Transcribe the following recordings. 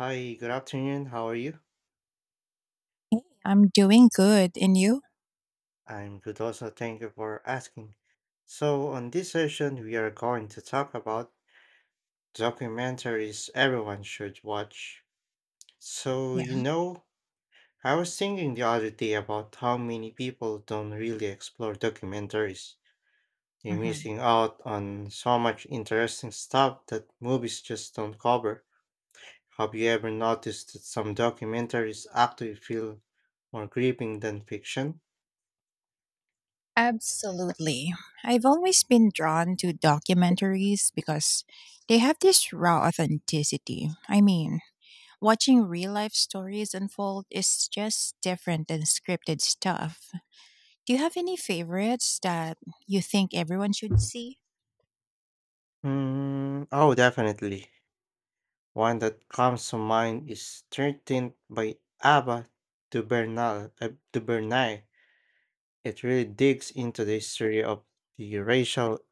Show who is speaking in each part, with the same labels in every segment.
Speaker 1: Hi, good afternoon. How are you?
Speaker 2: I'm doing good. And you?
Speaker 1: I'm good also. Thank you for asking. So, on this session, we are going to talk about documentaries everyone should watch. So,
Speaker 2: Yeah.
Speaker 1: I was thinking the other day about how many people don't really explore documentaries. They're
Speaker 2: Hmm.
Speaker 1: missing out on so much interesting stuff that movies just don't cover. Have you ever noticed that some documentaries actually feel more gripping than fiction?
Speaker 2: Absolutely. I've always been drawn to documentaries because they have this raw authenticity. I mean, watching real life stories unfold is just different than scripted stuff. Do you have any favorites that you think everyone should see?
Speaker 1: Oh, definitely. One that comes to mind is 13th by Abba de Bernal, de Bernay. It really digs into the history of the racial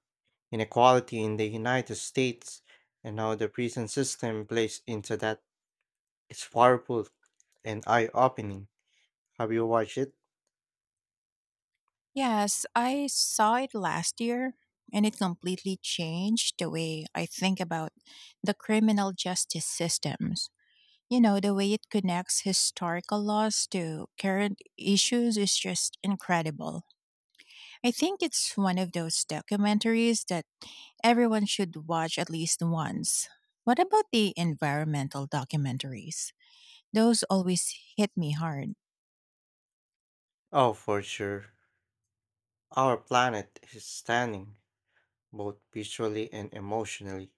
Speaker 1: inequality in the United States and how the prison system plays into that. It's powerful and eye-opening. Have you watched it?
Speaker 2: Yes, I saw it last year and it completely changed the way I think about the criminal justice systems. You know, the way it connects historical laws to current issues is just incredible. I think it's one of those documentaries that everyone should watch at least once. What about the environmental documentaries? Those always hit me hard.
Speaker 1: Oh, for sure. Our planet is stunning, both visually and emotionally.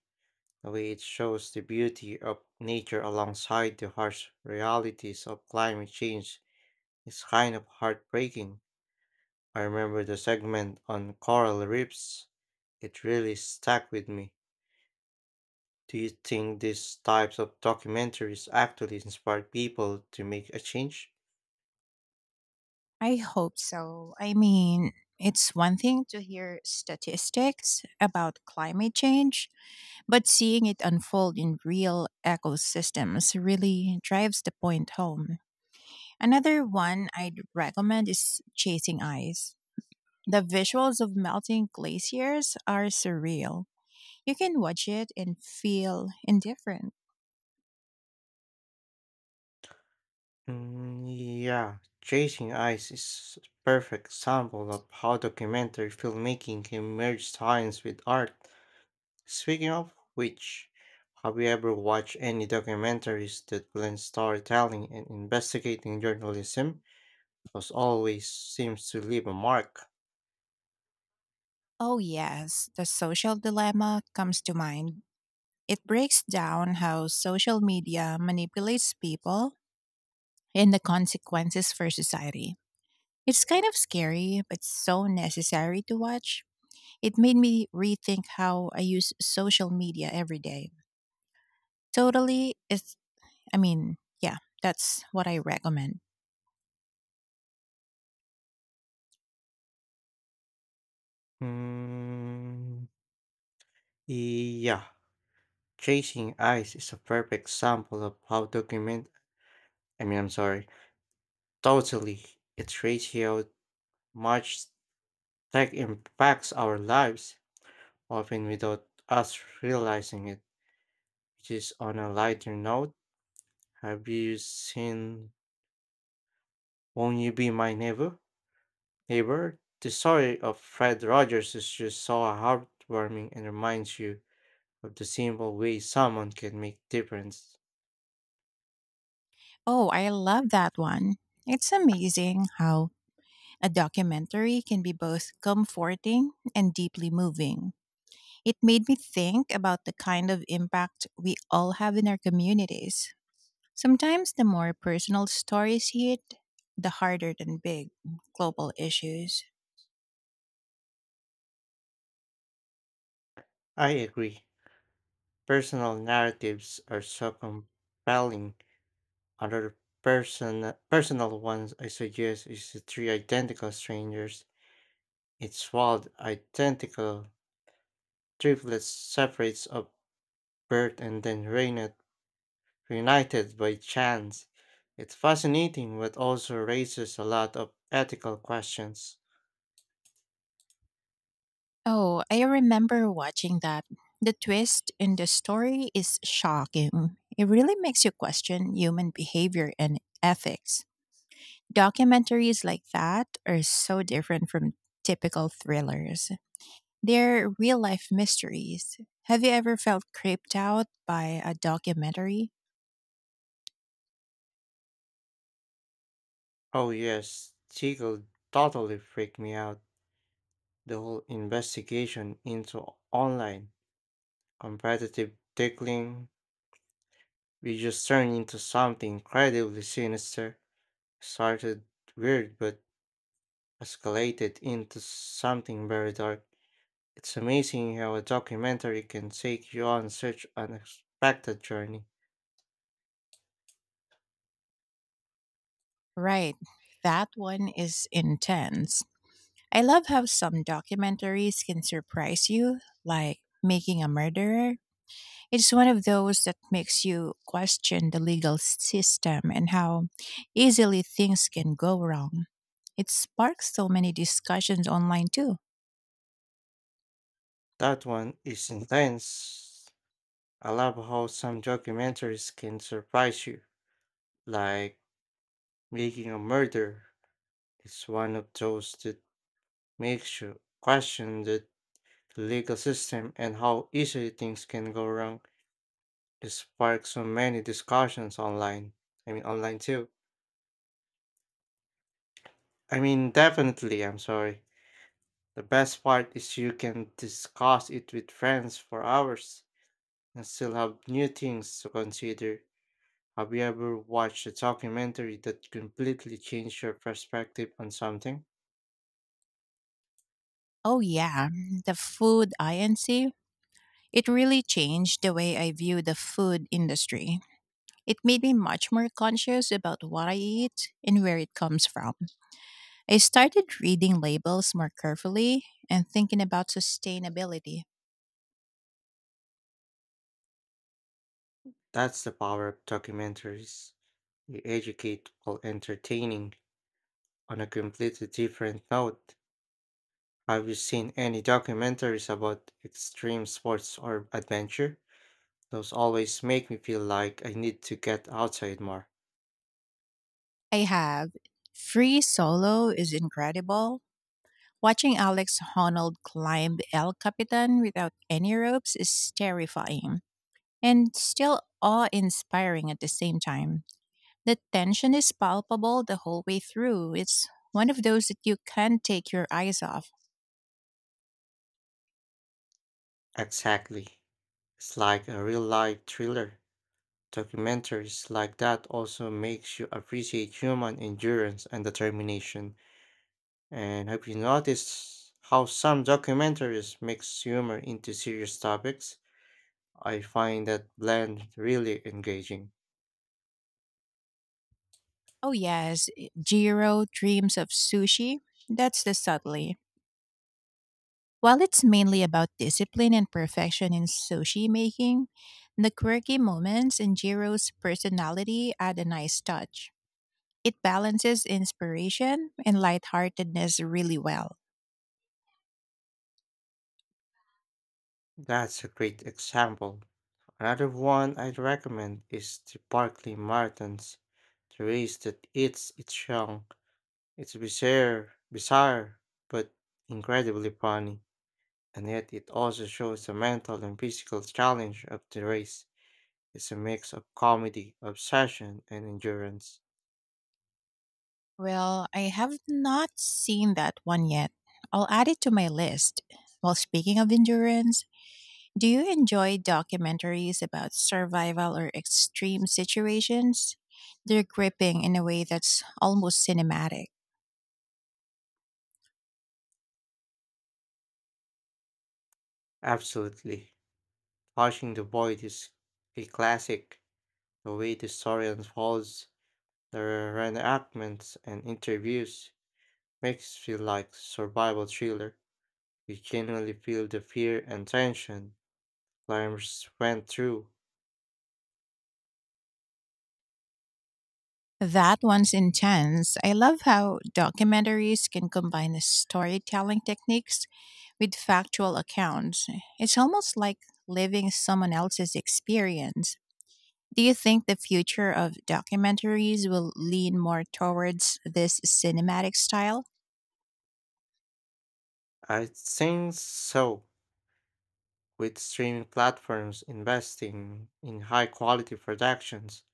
Speaker 1: The way it shows the beauty of nature alongside the harsh realities of climate change is kind of heartbreaking. I remember the segment on coral reefs. It really stuck with me. Do you think these types of documentaries actually inspire people to make a change?
Speaker 2: I hope so. I mean, it's one thing to hear statistics about climate change, but seeing it unfold in real ecosystems really drives the point home. Another one I'd recommend is Chasing Ice. The visuals of melting glaciers are surreal. You can watch it and feel indifferent.
Speaker 1: Yeah, Chasing Ice is a perfect example of how documentary filmmaking can merge science with art. Speaking of which, have you ever watched any documentaries that blend storytelling and investigating journalism? Because always seems to leave a mark.
Speaker 2: Oh, yes, the social dilemma comes to mind. It breaks down how social media manipulates people and the consequences for society. It's kind of scary, but so necessary to watch. It made me rethink how I use social media every day. Totally, it's I mean, yeah, that's what I recommend.
Speaker 1: Mm, yeah, Chasing Ice is a perfect sample of how document. I mean, I'm sorry. Totally, it shows how much tech impacts our lives, often without us realizing it. Which is on a lighter note. Have you seen Won't you be my neighbor? Neighbor? The story of Fred Rogers is just so heartwarming and reminds you of the simple way someone can make difference.
Speaker 2: Oh, I love that one. It's amazing how a documentary can be both comforting and deeply moving. It made me think about the kind of impact we all have in our communities. Sometimes the more personal stories hit, the harder than big global issues.
Speaker 1: I agree. Personal narratives are so compelling. Another personal ones I suggest is the three identical strangers. It's wild, identical triplets separates of birth and then Raina reunited by chance. It's fascinating, but also raises a lot of ethical questions.
Speaker 2: Oh, I remember watching that. The twist in the story is shocking. It really makes you question human behavior and ethics. Documentaries like that are so different from typical thrillers. They're real life mysteries. Have you ever felt creeped out by a documentary?
Speaker 1: Oh, yes, Siegel totally freaked me out. The whole investigation into online competitive tickling, we just turned into something incredibly sinister. Started weird, but escalated into something very dark. It's amazing how a documentary can take you on such an unexpected journey.
Speaker 2: Right, that one is intense. I love how some documentaries can surprise you, like Making a Murderer. It's one of those that makes you question the legal system and how easily things can go wrong. It sparks so many discussions online too.
Speaker 1: That one is intense. I love how some documentaries can surprise you, like Making a Murder, it's one of those that makes you question the legal system and how easily things can go wrong. It sparks so many discussions online. Online too. Definitely, I'm sorry. The best part is you can discuss it with friends for hours and still have new things to consider. Have you ever watched a documentary that completely changed your perspective on something?
Speaker 2: Oh, yeah, the food INC. It really changed the way I view the food industry. It made me much more conscious about what I eat and where it comes from. I started reading labels more carefully and thinking about sustainability.
Speaker 1: That's the power of documentaries. They educate while entertaining on a completely different note. Have you seen any documentaries about extreme sports or adventure? Those always make me feel like I need to get outside more.
Speaker 2: I have. Free Solo is incredible. Watching Alex Honnold climb El Capitan without any ropes is terrifying and still awe inspiring at the same time. The tension is palpable the whole way through. It's one of those that you can't take your eyes off.
Speaker 1: Exactly. It's like a real life thriller. Documentaries like that also makes you appreciate human endurance and determination. And have you noticed how some documentaries mix humor into serious topics? I find that blend really engaging.
Speaker 2: Oh, yes, Jiro Dreams of Sushi. That's the subtlety. While it's mainly about discipline and perfection in sushi making, the quirky moments in Jiro's personality add a nice touch. It balances inspiration and lightheartedness really well.
Speaker 1: That's a great example. Another one I'd recommend is the Barkley Martins, the race that eats its young. It's bizarre, but incredibly funny, and yet it also shows the mental and physical challenge of the race. It's a mix of comedy, obsession, and endurance.
Speaker 2: Well, I have not seen that one yet. I'll add it to my list. Well, speaking of endurance, do you enjoy documentaries about survival or extreme situations? They're gripping in a way that's almost cinematic.
Speaker 1: Absolutely. Watching the void is a classic. The way the story unfolds, the reenactments and interviews makes feel like survival thriller. You genuinely feel the fear and tension climbers went through.
Speaker 2: That one's intense. I love how documentaries can combine the storytelling techniques with factual accounts. It's almost like living someone else's experience. Do you think the future of documentaries will lean more towards this cinematic style?
Speaker 1: I think so. With streaming platforms investing in high quality productions,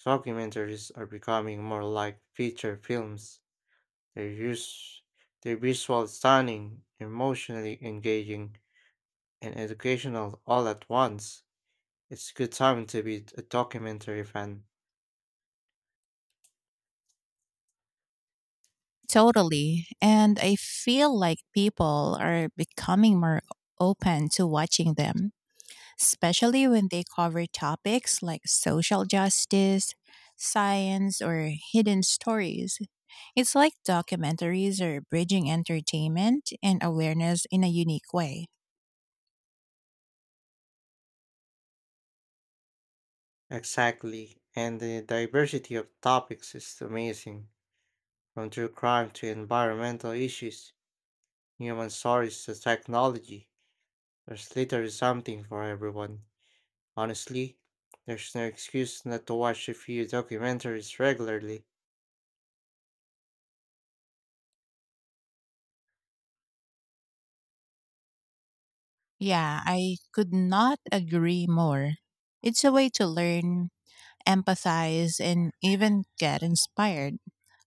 Speaker 1: documentaries are becoming more like feature films. They use they're visual stunning, emotionally engaging, and educational all at once. It's good time to be a documentary fan.
Speaker 2: Totally. And I feel like people are becoming more open to watching them especially when they cover topics like social justice, science, or hidden stories. It's like documentaries are bridging entertainment and awareness in a unique way.
Speaker 1: Exactly. And the diversity of topics is amazing. From true crime to environmental issues, human stories to technology. There's literally something for everyone. Honestly, there's no excuse not to watch a few documentaries regularly.
Speaker 2: Yeah, I could not agree more. It's a way to learn, empathize, and even get inspired.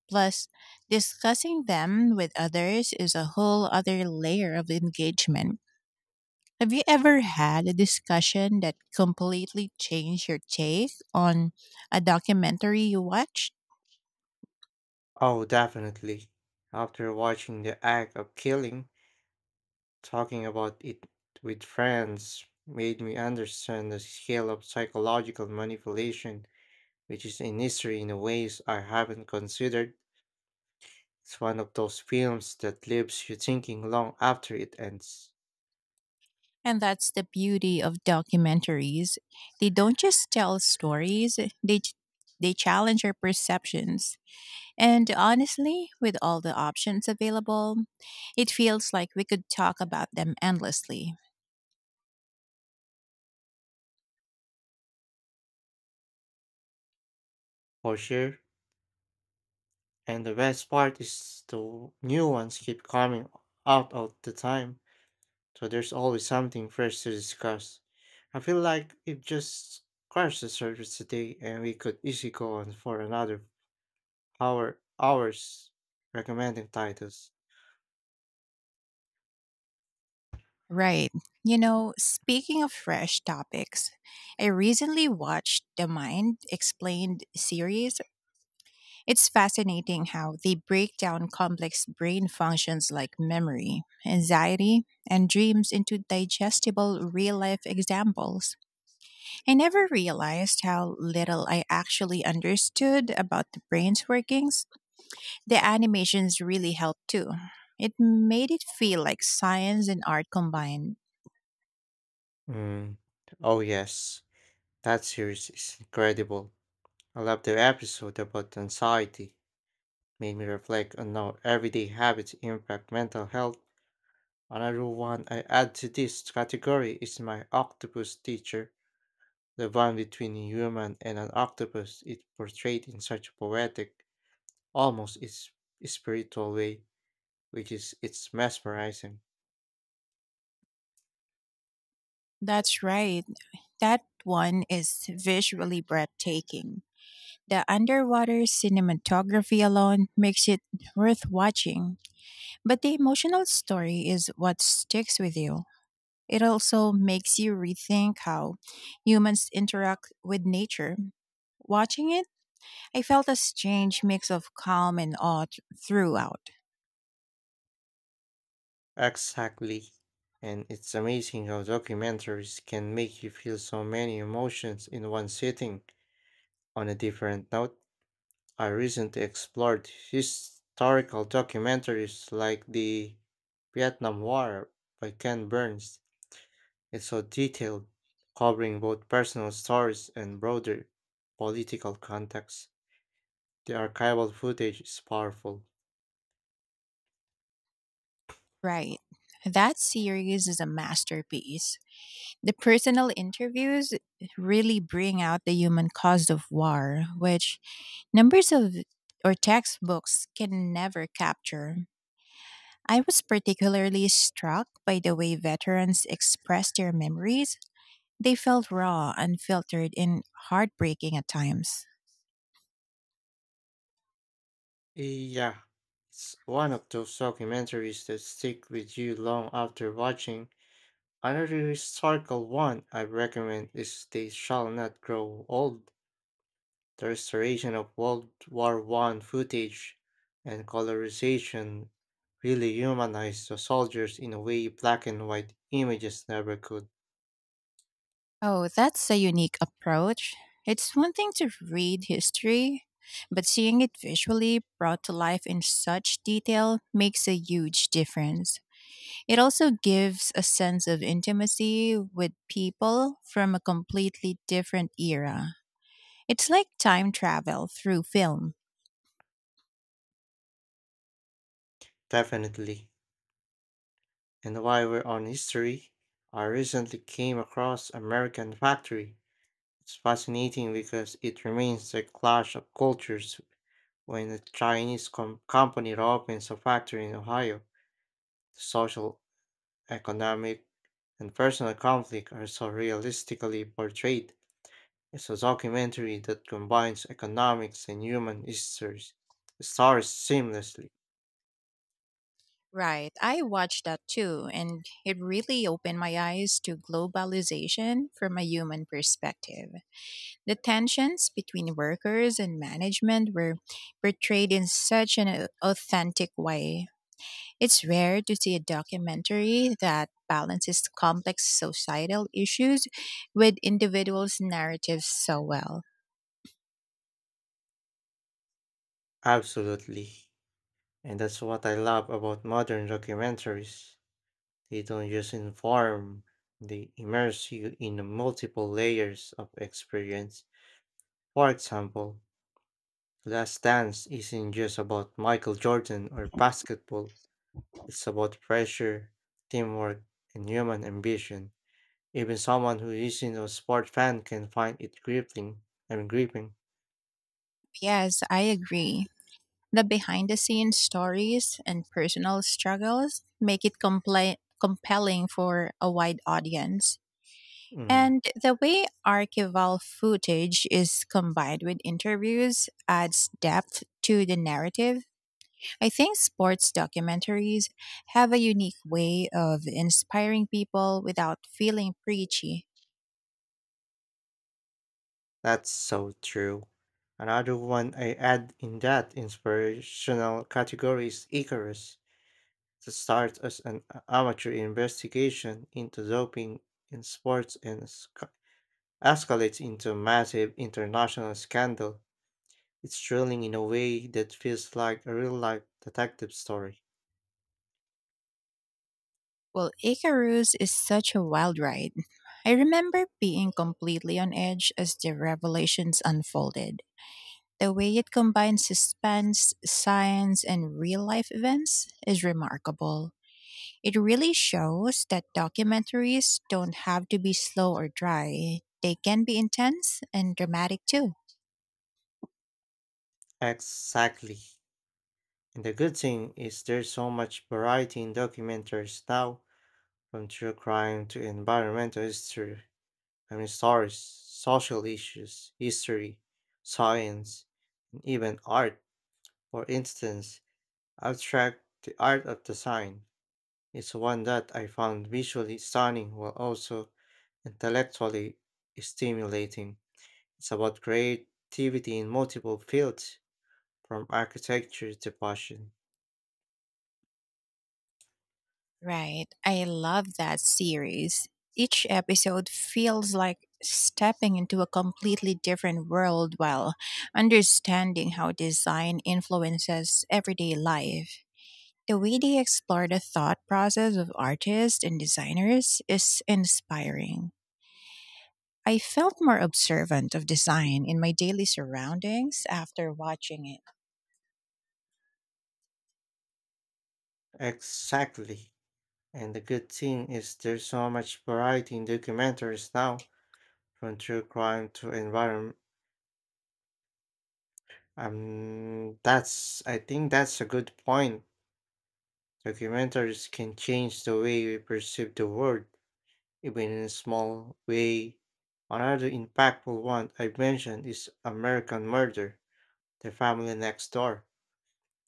Speaker 2: Plus, discussing them with others is a whole other layer of engagement. Have you ever had a discussion that completely changed your take on a documentary you watched?
Speaker 1: Oh, definitely. After watching The Act of Killing, talking about it with friends made me understand the scale of psychological manipulation, which is a history in ways I haven't considered. It's one of those films that leaves you thinking long after it ends.
Speaker 2: And that's the beauty of documentaries. They don't just tell stories, they challenge our perceptions. And honestly, with all the options available, it feels like we could talk about them endlessly.
Speaker 1: For sure. And the best part is the new ones keep coming out all the time, so there's always something fresh to discuss. I feel like it just scratched the surface today, and we could easily go on for another Our hours recommending titles.
Speaker 2: Right. You know, speaking of fresh topics, I recently watched the Mind Explained series. It's fascinating how they break down complex brain functions like memory, anxiety, and dreams into digestible real life examples. I never realized how little I actually understood about the brain's workings. The animations really helped too. It made it feel like science and art combined.
Speaker 1: Mm. Oh yes, that series is incredible. I love the episode about anxiety. Made me reflect on how everyday habits impact mental health. Another one I add to this category is my octopus teacher. The bond between a human and an octopus is portrayed in such a poetic, almost is spiritual way, which is it's mesmerizing.
Speaker 2: That's right. That one is visually breathtaking. The underwater cinematography alone makes it worth watching. But the emotional story is what sticks with you. It also makes you rethink how humans interact with nature. Watching it, I felt a strange mix of calm and awe throughout.
Speaker 1: Exactly. And it's amazing how documentaries can make you feel so many emotions in one sitting. On a different note, I recently explored historical documentaries like the Vietnam War by Ken Burns. It's so detailed, covering both personal stories and broader political context. The archival footage is powerful.
Speaker 2: Right. That series is a masterpiece. The personal interviews really bring out the human cost of war, which numbers of or textbooks can never capture. I was particularly struck by the way veterans expressed their memories. They felt raw, unfiltered, and heartbreaking at times.
Speaker 1: Yeah, it's one of those documentaries that stick with you long after watching. Another historical one I recommend is They Shall Not Grow Old, the restoration of World War I footage and colorization really humanized the soldiers in a way black and white images never could.
Speaker 2: Oh, that's a unique approach. It's one thing to read history, but seeing it visually brought to life in such detail makes a huge difference. It also gives a sense of intimacy with people from a completely different era. It's like time travel through film.
Speaker 1: Definitely. And while we're on history, I recently came across American Factory. It's fascinating because it remains the clash of cultures when a company opens a factory in Ohio. The social, economic, and personal conflict are so realistically portrayed. It's a documentary that combines economics and human histories, stars seamlessly.
Speaker 2: Right, I watched that too, and it really opened my eyes to globalization from a human perspective. The tensions between workers and management were portrayed in such an authentic way. It's rare to see a documentary that balances complex societal issues with individuals' narratives so well.
Speaker 1: Absolutely. And that's what I love about modern documentaries. They don't just inform, they immerse you in multiple layers of experience. For example, Last Dance isn't just about Michael Jordan or basketball, it's about pressure, teamwork, and human ambition. Even someone who isn't a sport fan can find it gripping.
Speaker 2: Yes, I agree. The behind the scenes stories and personal struggles make it compelling for a wide audience.
Speaker 1: Mm,
Speaker 2: And the way archival footage is combined with interviews adds depth to the narrative. I think sports documentaries have a unique way of inspiring people without feeling preachy.
Speaker 1: that's so true. Another one I add in that inspirational category is Icarus, that starts as amateur investigation into doping in sports and escalates into a massive international scandal. It's thrilling in a way that feels like a real life detective story.
Speaker 2: Well, Icarus is such a wild ride. I remember being completely on edge as the revelations unfolded. The way it combines suspense, science, and real life events is remarkable. It really shows that documentaries don't have to be slow or dry, they can be intense and dramatic too.
Speaker 1: Exactly. And the good thing is there's so much variety in documentaries now, from true crime to environmental history, I mean stories, social issues, history, science, and even art. For instance, Abstract, the art of design, is one that I found visually stunning while also intellectually stimulating. It's about creativity in multiple fields, from architecture to fashion.
Speaker 2: Right. I love that series. Each episode feels like stepping into a completely different world while understanding how design influences everyday life. The way they explore the thought process of artists and designers is inspiring. I felt more observant of design in my daily surroundings after watching it.
Speaker 1: Exactly. And the good thing is there's so much variety in documentaries now, from true crime to environment. That's I think that's a good point. Documentaries can change the way we perceive the world, even in a small way. Another impactful one I mentioned is American Murder. The Family Next Door.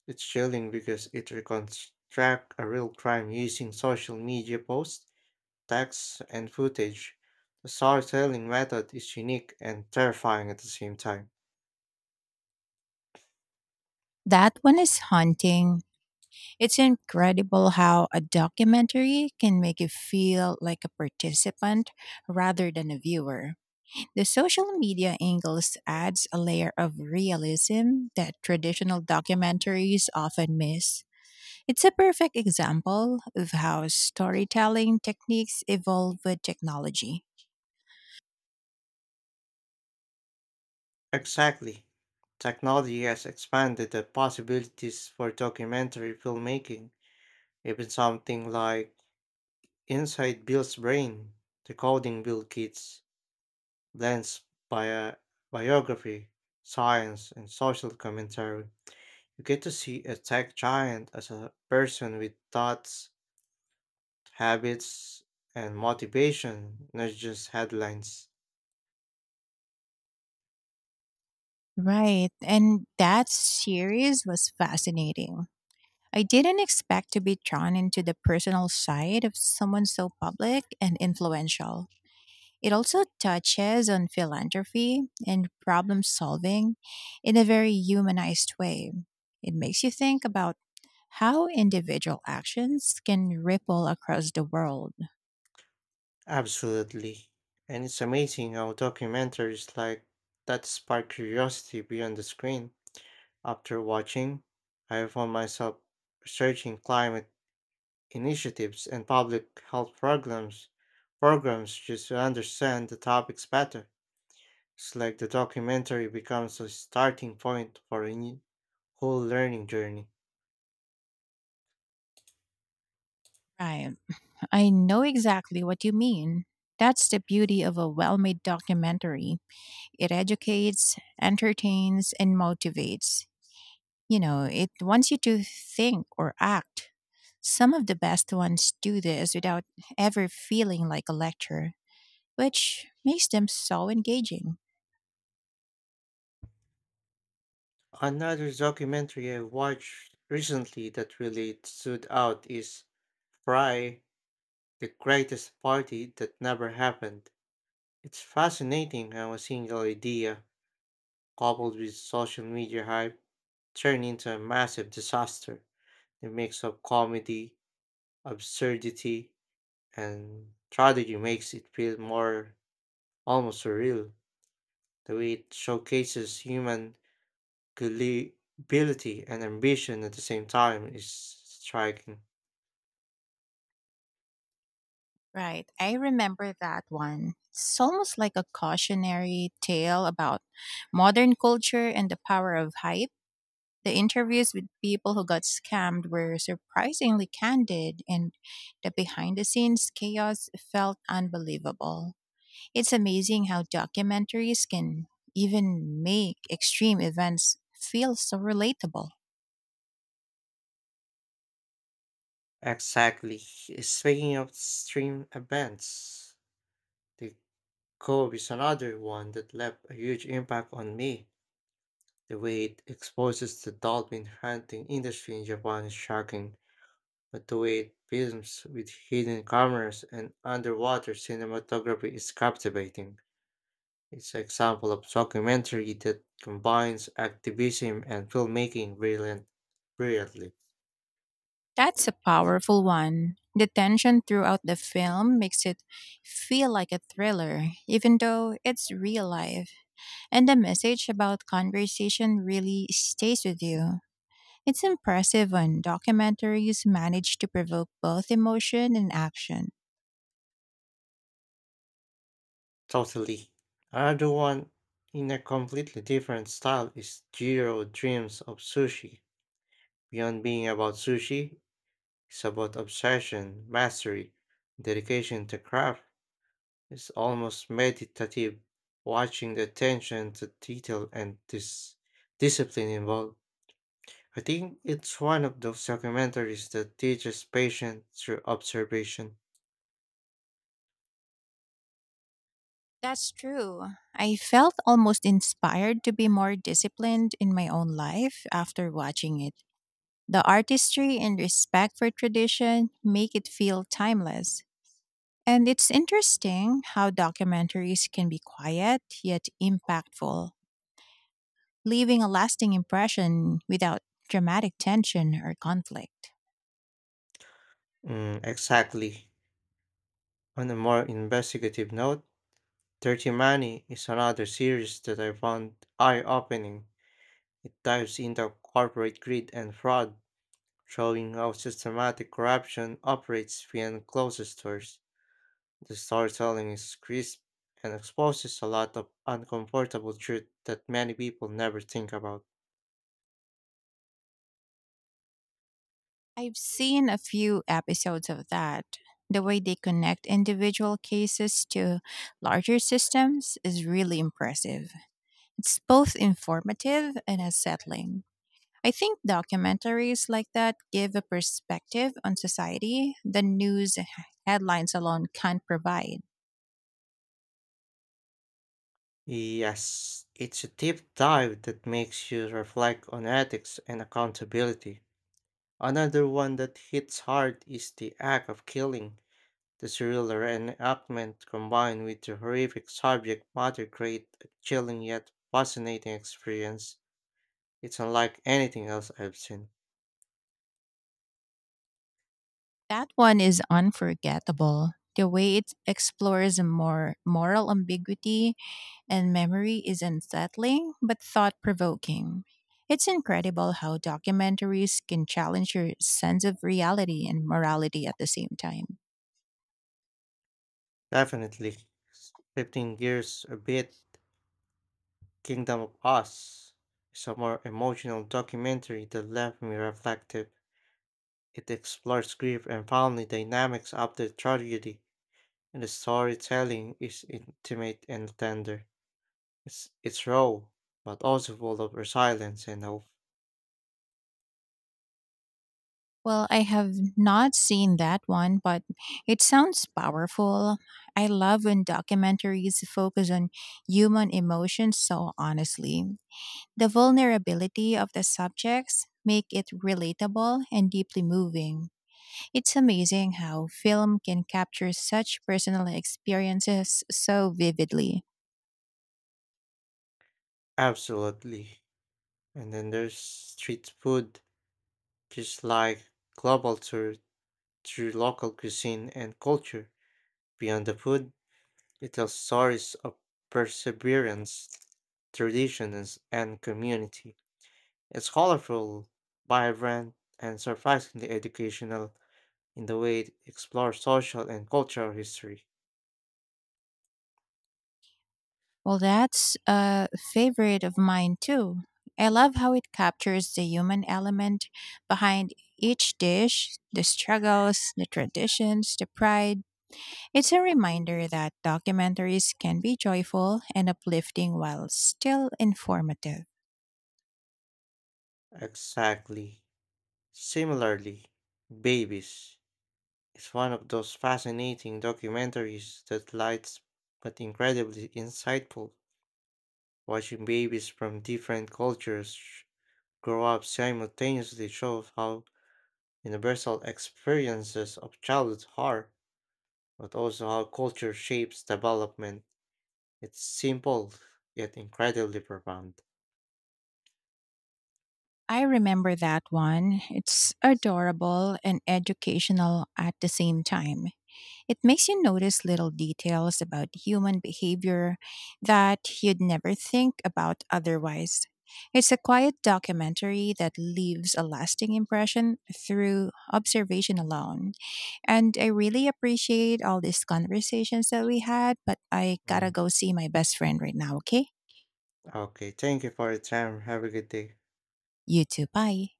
Speaker 1: It's chilling because it reconstructs a real crime using social media posts, texts, and footage. The storytelling method is unique and terrifying at the same time.
Speaker 2: That one is haunting. It's incredible how a documentary can make you feel like a participant rather than a viewer. The social media angles adds a layer of realism that traditional documentaries often miss. It's a perfect example of how storytelling techniques evolve with technology.
Speaker 1: Exactly. Technology has expanded the possibilities for documentary filmmaking. Even something like Inside Bill's Brain, Decoding Bill Gates, blends bio- biography, science, and social commentary. You get to see a tech giant as a person with thoughts, habits, and motivation, not just headlines.
Speaker 2: Right, and that series was fascinating. I didn't expect to be drawn into the personal side of someone so public and influential. It also touches on philanthropy and problem solving in a very humanized way. It makes you think about how individual actions can ripple across the world.
Speaker 1: Absolutely. And it's amazing how documentaries like that spark curiosity beyond the screen. After watching, I found myself searching climate initiatives and public health programs just to understand the topics better. It's like the documentary becomes a starting point for a new, whole learning journey.
Speaker 2: Right. I know exactly what you mean. That's the beauty of a well made documentary. It educates, entertains, and motivates. You know, it wants you to think or act. Some of the best ones do this without ever feeling like a lecture, which makes them so engaging.
Speaker 1: Another documentary I watched recently that really stood out is Fry, The Greatest Party That Never Happened. It's fascinating how a single idea, coupled with social media hype, turned into a massive disaster. The mix of comedy, absurdity, and tragedy makes it feel more almost surreal. The it showcases human gullibility and ambition at the same time is striking.
Speaker 2: Right, I remember that one. It's almost like a cautionary tale about modern culture and the power of hype. The interviews with people who got scammed were surprisingly candid, and the behind the scenes chaos felt unbelievable. It's amazing how documentaries can even make extreme events feel so relatable.
Speaker 1: Exactly. Speaking of stream events, the Cove is another one that left a huge impact on me. The way it exposes the dolphin hunting industry in Japan is shocking, but the way it films with hidden cameras and underwater cinematography is captivating. It's an example of documentary that combines activism and filmmaking brilliantly.
Speaker 2: That's a powerful one. The tension throughout the film makes it feel like a thriller, even though it's real life. And the message about conversation really stays with you. It's impressive when documentaries manage to provoke both emotion and action.
Speaker 1: Totally. Another one in a completely different style is Jiro Dreams of Sushi. Beyond being about sushi, it's about obsession, mastery, dedication to craft. It's almost meditative, watching the attention to detail and this discipline involved. I think it's one of those documentaries that teaches patience through observation.
Speaker 2: That's true. I felt almost inspired to be more disciplined in my own life after watching it. The artistry and respect for tradition make it feel timeless. And it's interesting how documentaries can be quiet yet impactful, leaving a lasting impression without dramatic tension or conflict.
Speaker 1: Exactly. On a more investigative note, Dirty Money is another series that I found eye opening. It dives into corporate greed and fraud, showing how systematic corruption operates behind closed doors. The storytelling is crisp and exposes a lot of uncomfortable truth that many people never think about.
Speaker 2: I've seen a few episodes of that. The way they connect individual cases to larger systems is really impressive. It's both informative and unsettling. I think documentaries like that give a perspective on society the headlines alone can't provide.
Speaker 1: Yes, it's a deep dive that makes you reflect on ethics and accountability. Another one that hits hard is the act of killing. The thriller and enactment combined with the horrific subject matter create a chilling yet fascinating experience. It's unlike anything else I've seen.
Speaker 2: That one is unforgettable. The way it explores more moral ambiguity and memory is unsettling but thought provoking. It's incredible how documentaries can challenge your sense of reality and morality at the same time.
Speaker 1: Definitely, shifting gears a bit, Kingdom of Us is a more emotional documentary that left me reflective. It explores grief and family dynamics after tragedy, and the storytelling is intimate and tender. It's raw, but also full of resilience and hope.
Speaker 2: Well, I have not seen that one, but it sounds powerful. I love when documentaries focus on human emotions so honestly. The vulnerability of the subjects make it relatable and deeply moving. It's amazing how film can capture such personal experiences so vividly.
Speaker 1: Absolutely. And then there's street food, just like global tour through local cuisine and culture. Beyond the food, it tells stories of perseverance, traditions, and community. It's colorful, vibrant, and surprisingly educational in the way it explores social and cultural history.
Speaker 2: Well, that's a favorite of mine too. I love how it captures the human element behind each dish, the struggles, the traditions, the pride. It's a reminder that documentaries can be joyful and uplifting while still informative.
Speaker 1: Exactly. Similarly, Babies is one of those fascinating documentaries that lights but incredibly insightful. Watching babies from different cultures grow up simultaneously shows how universal experiences of childhood are, but also how culture shapes development. It's simple yet incredibly profound.
Speaker 2: I remember that one. It's adorable and educational at the same time. It makes you notice little details about human behavior that you'd never think about otherwise. It's a quiet documentary that leaves a lasting impression through observation alone. And I really appreciate all these conversations that we had, but I gotta
Speaker 1: Mm.
Speaker 2: go see my best friend right now, okay?
Speaker 1: Okay, thank you for your time. Have a good day.
Speaker 2: You too. Bye.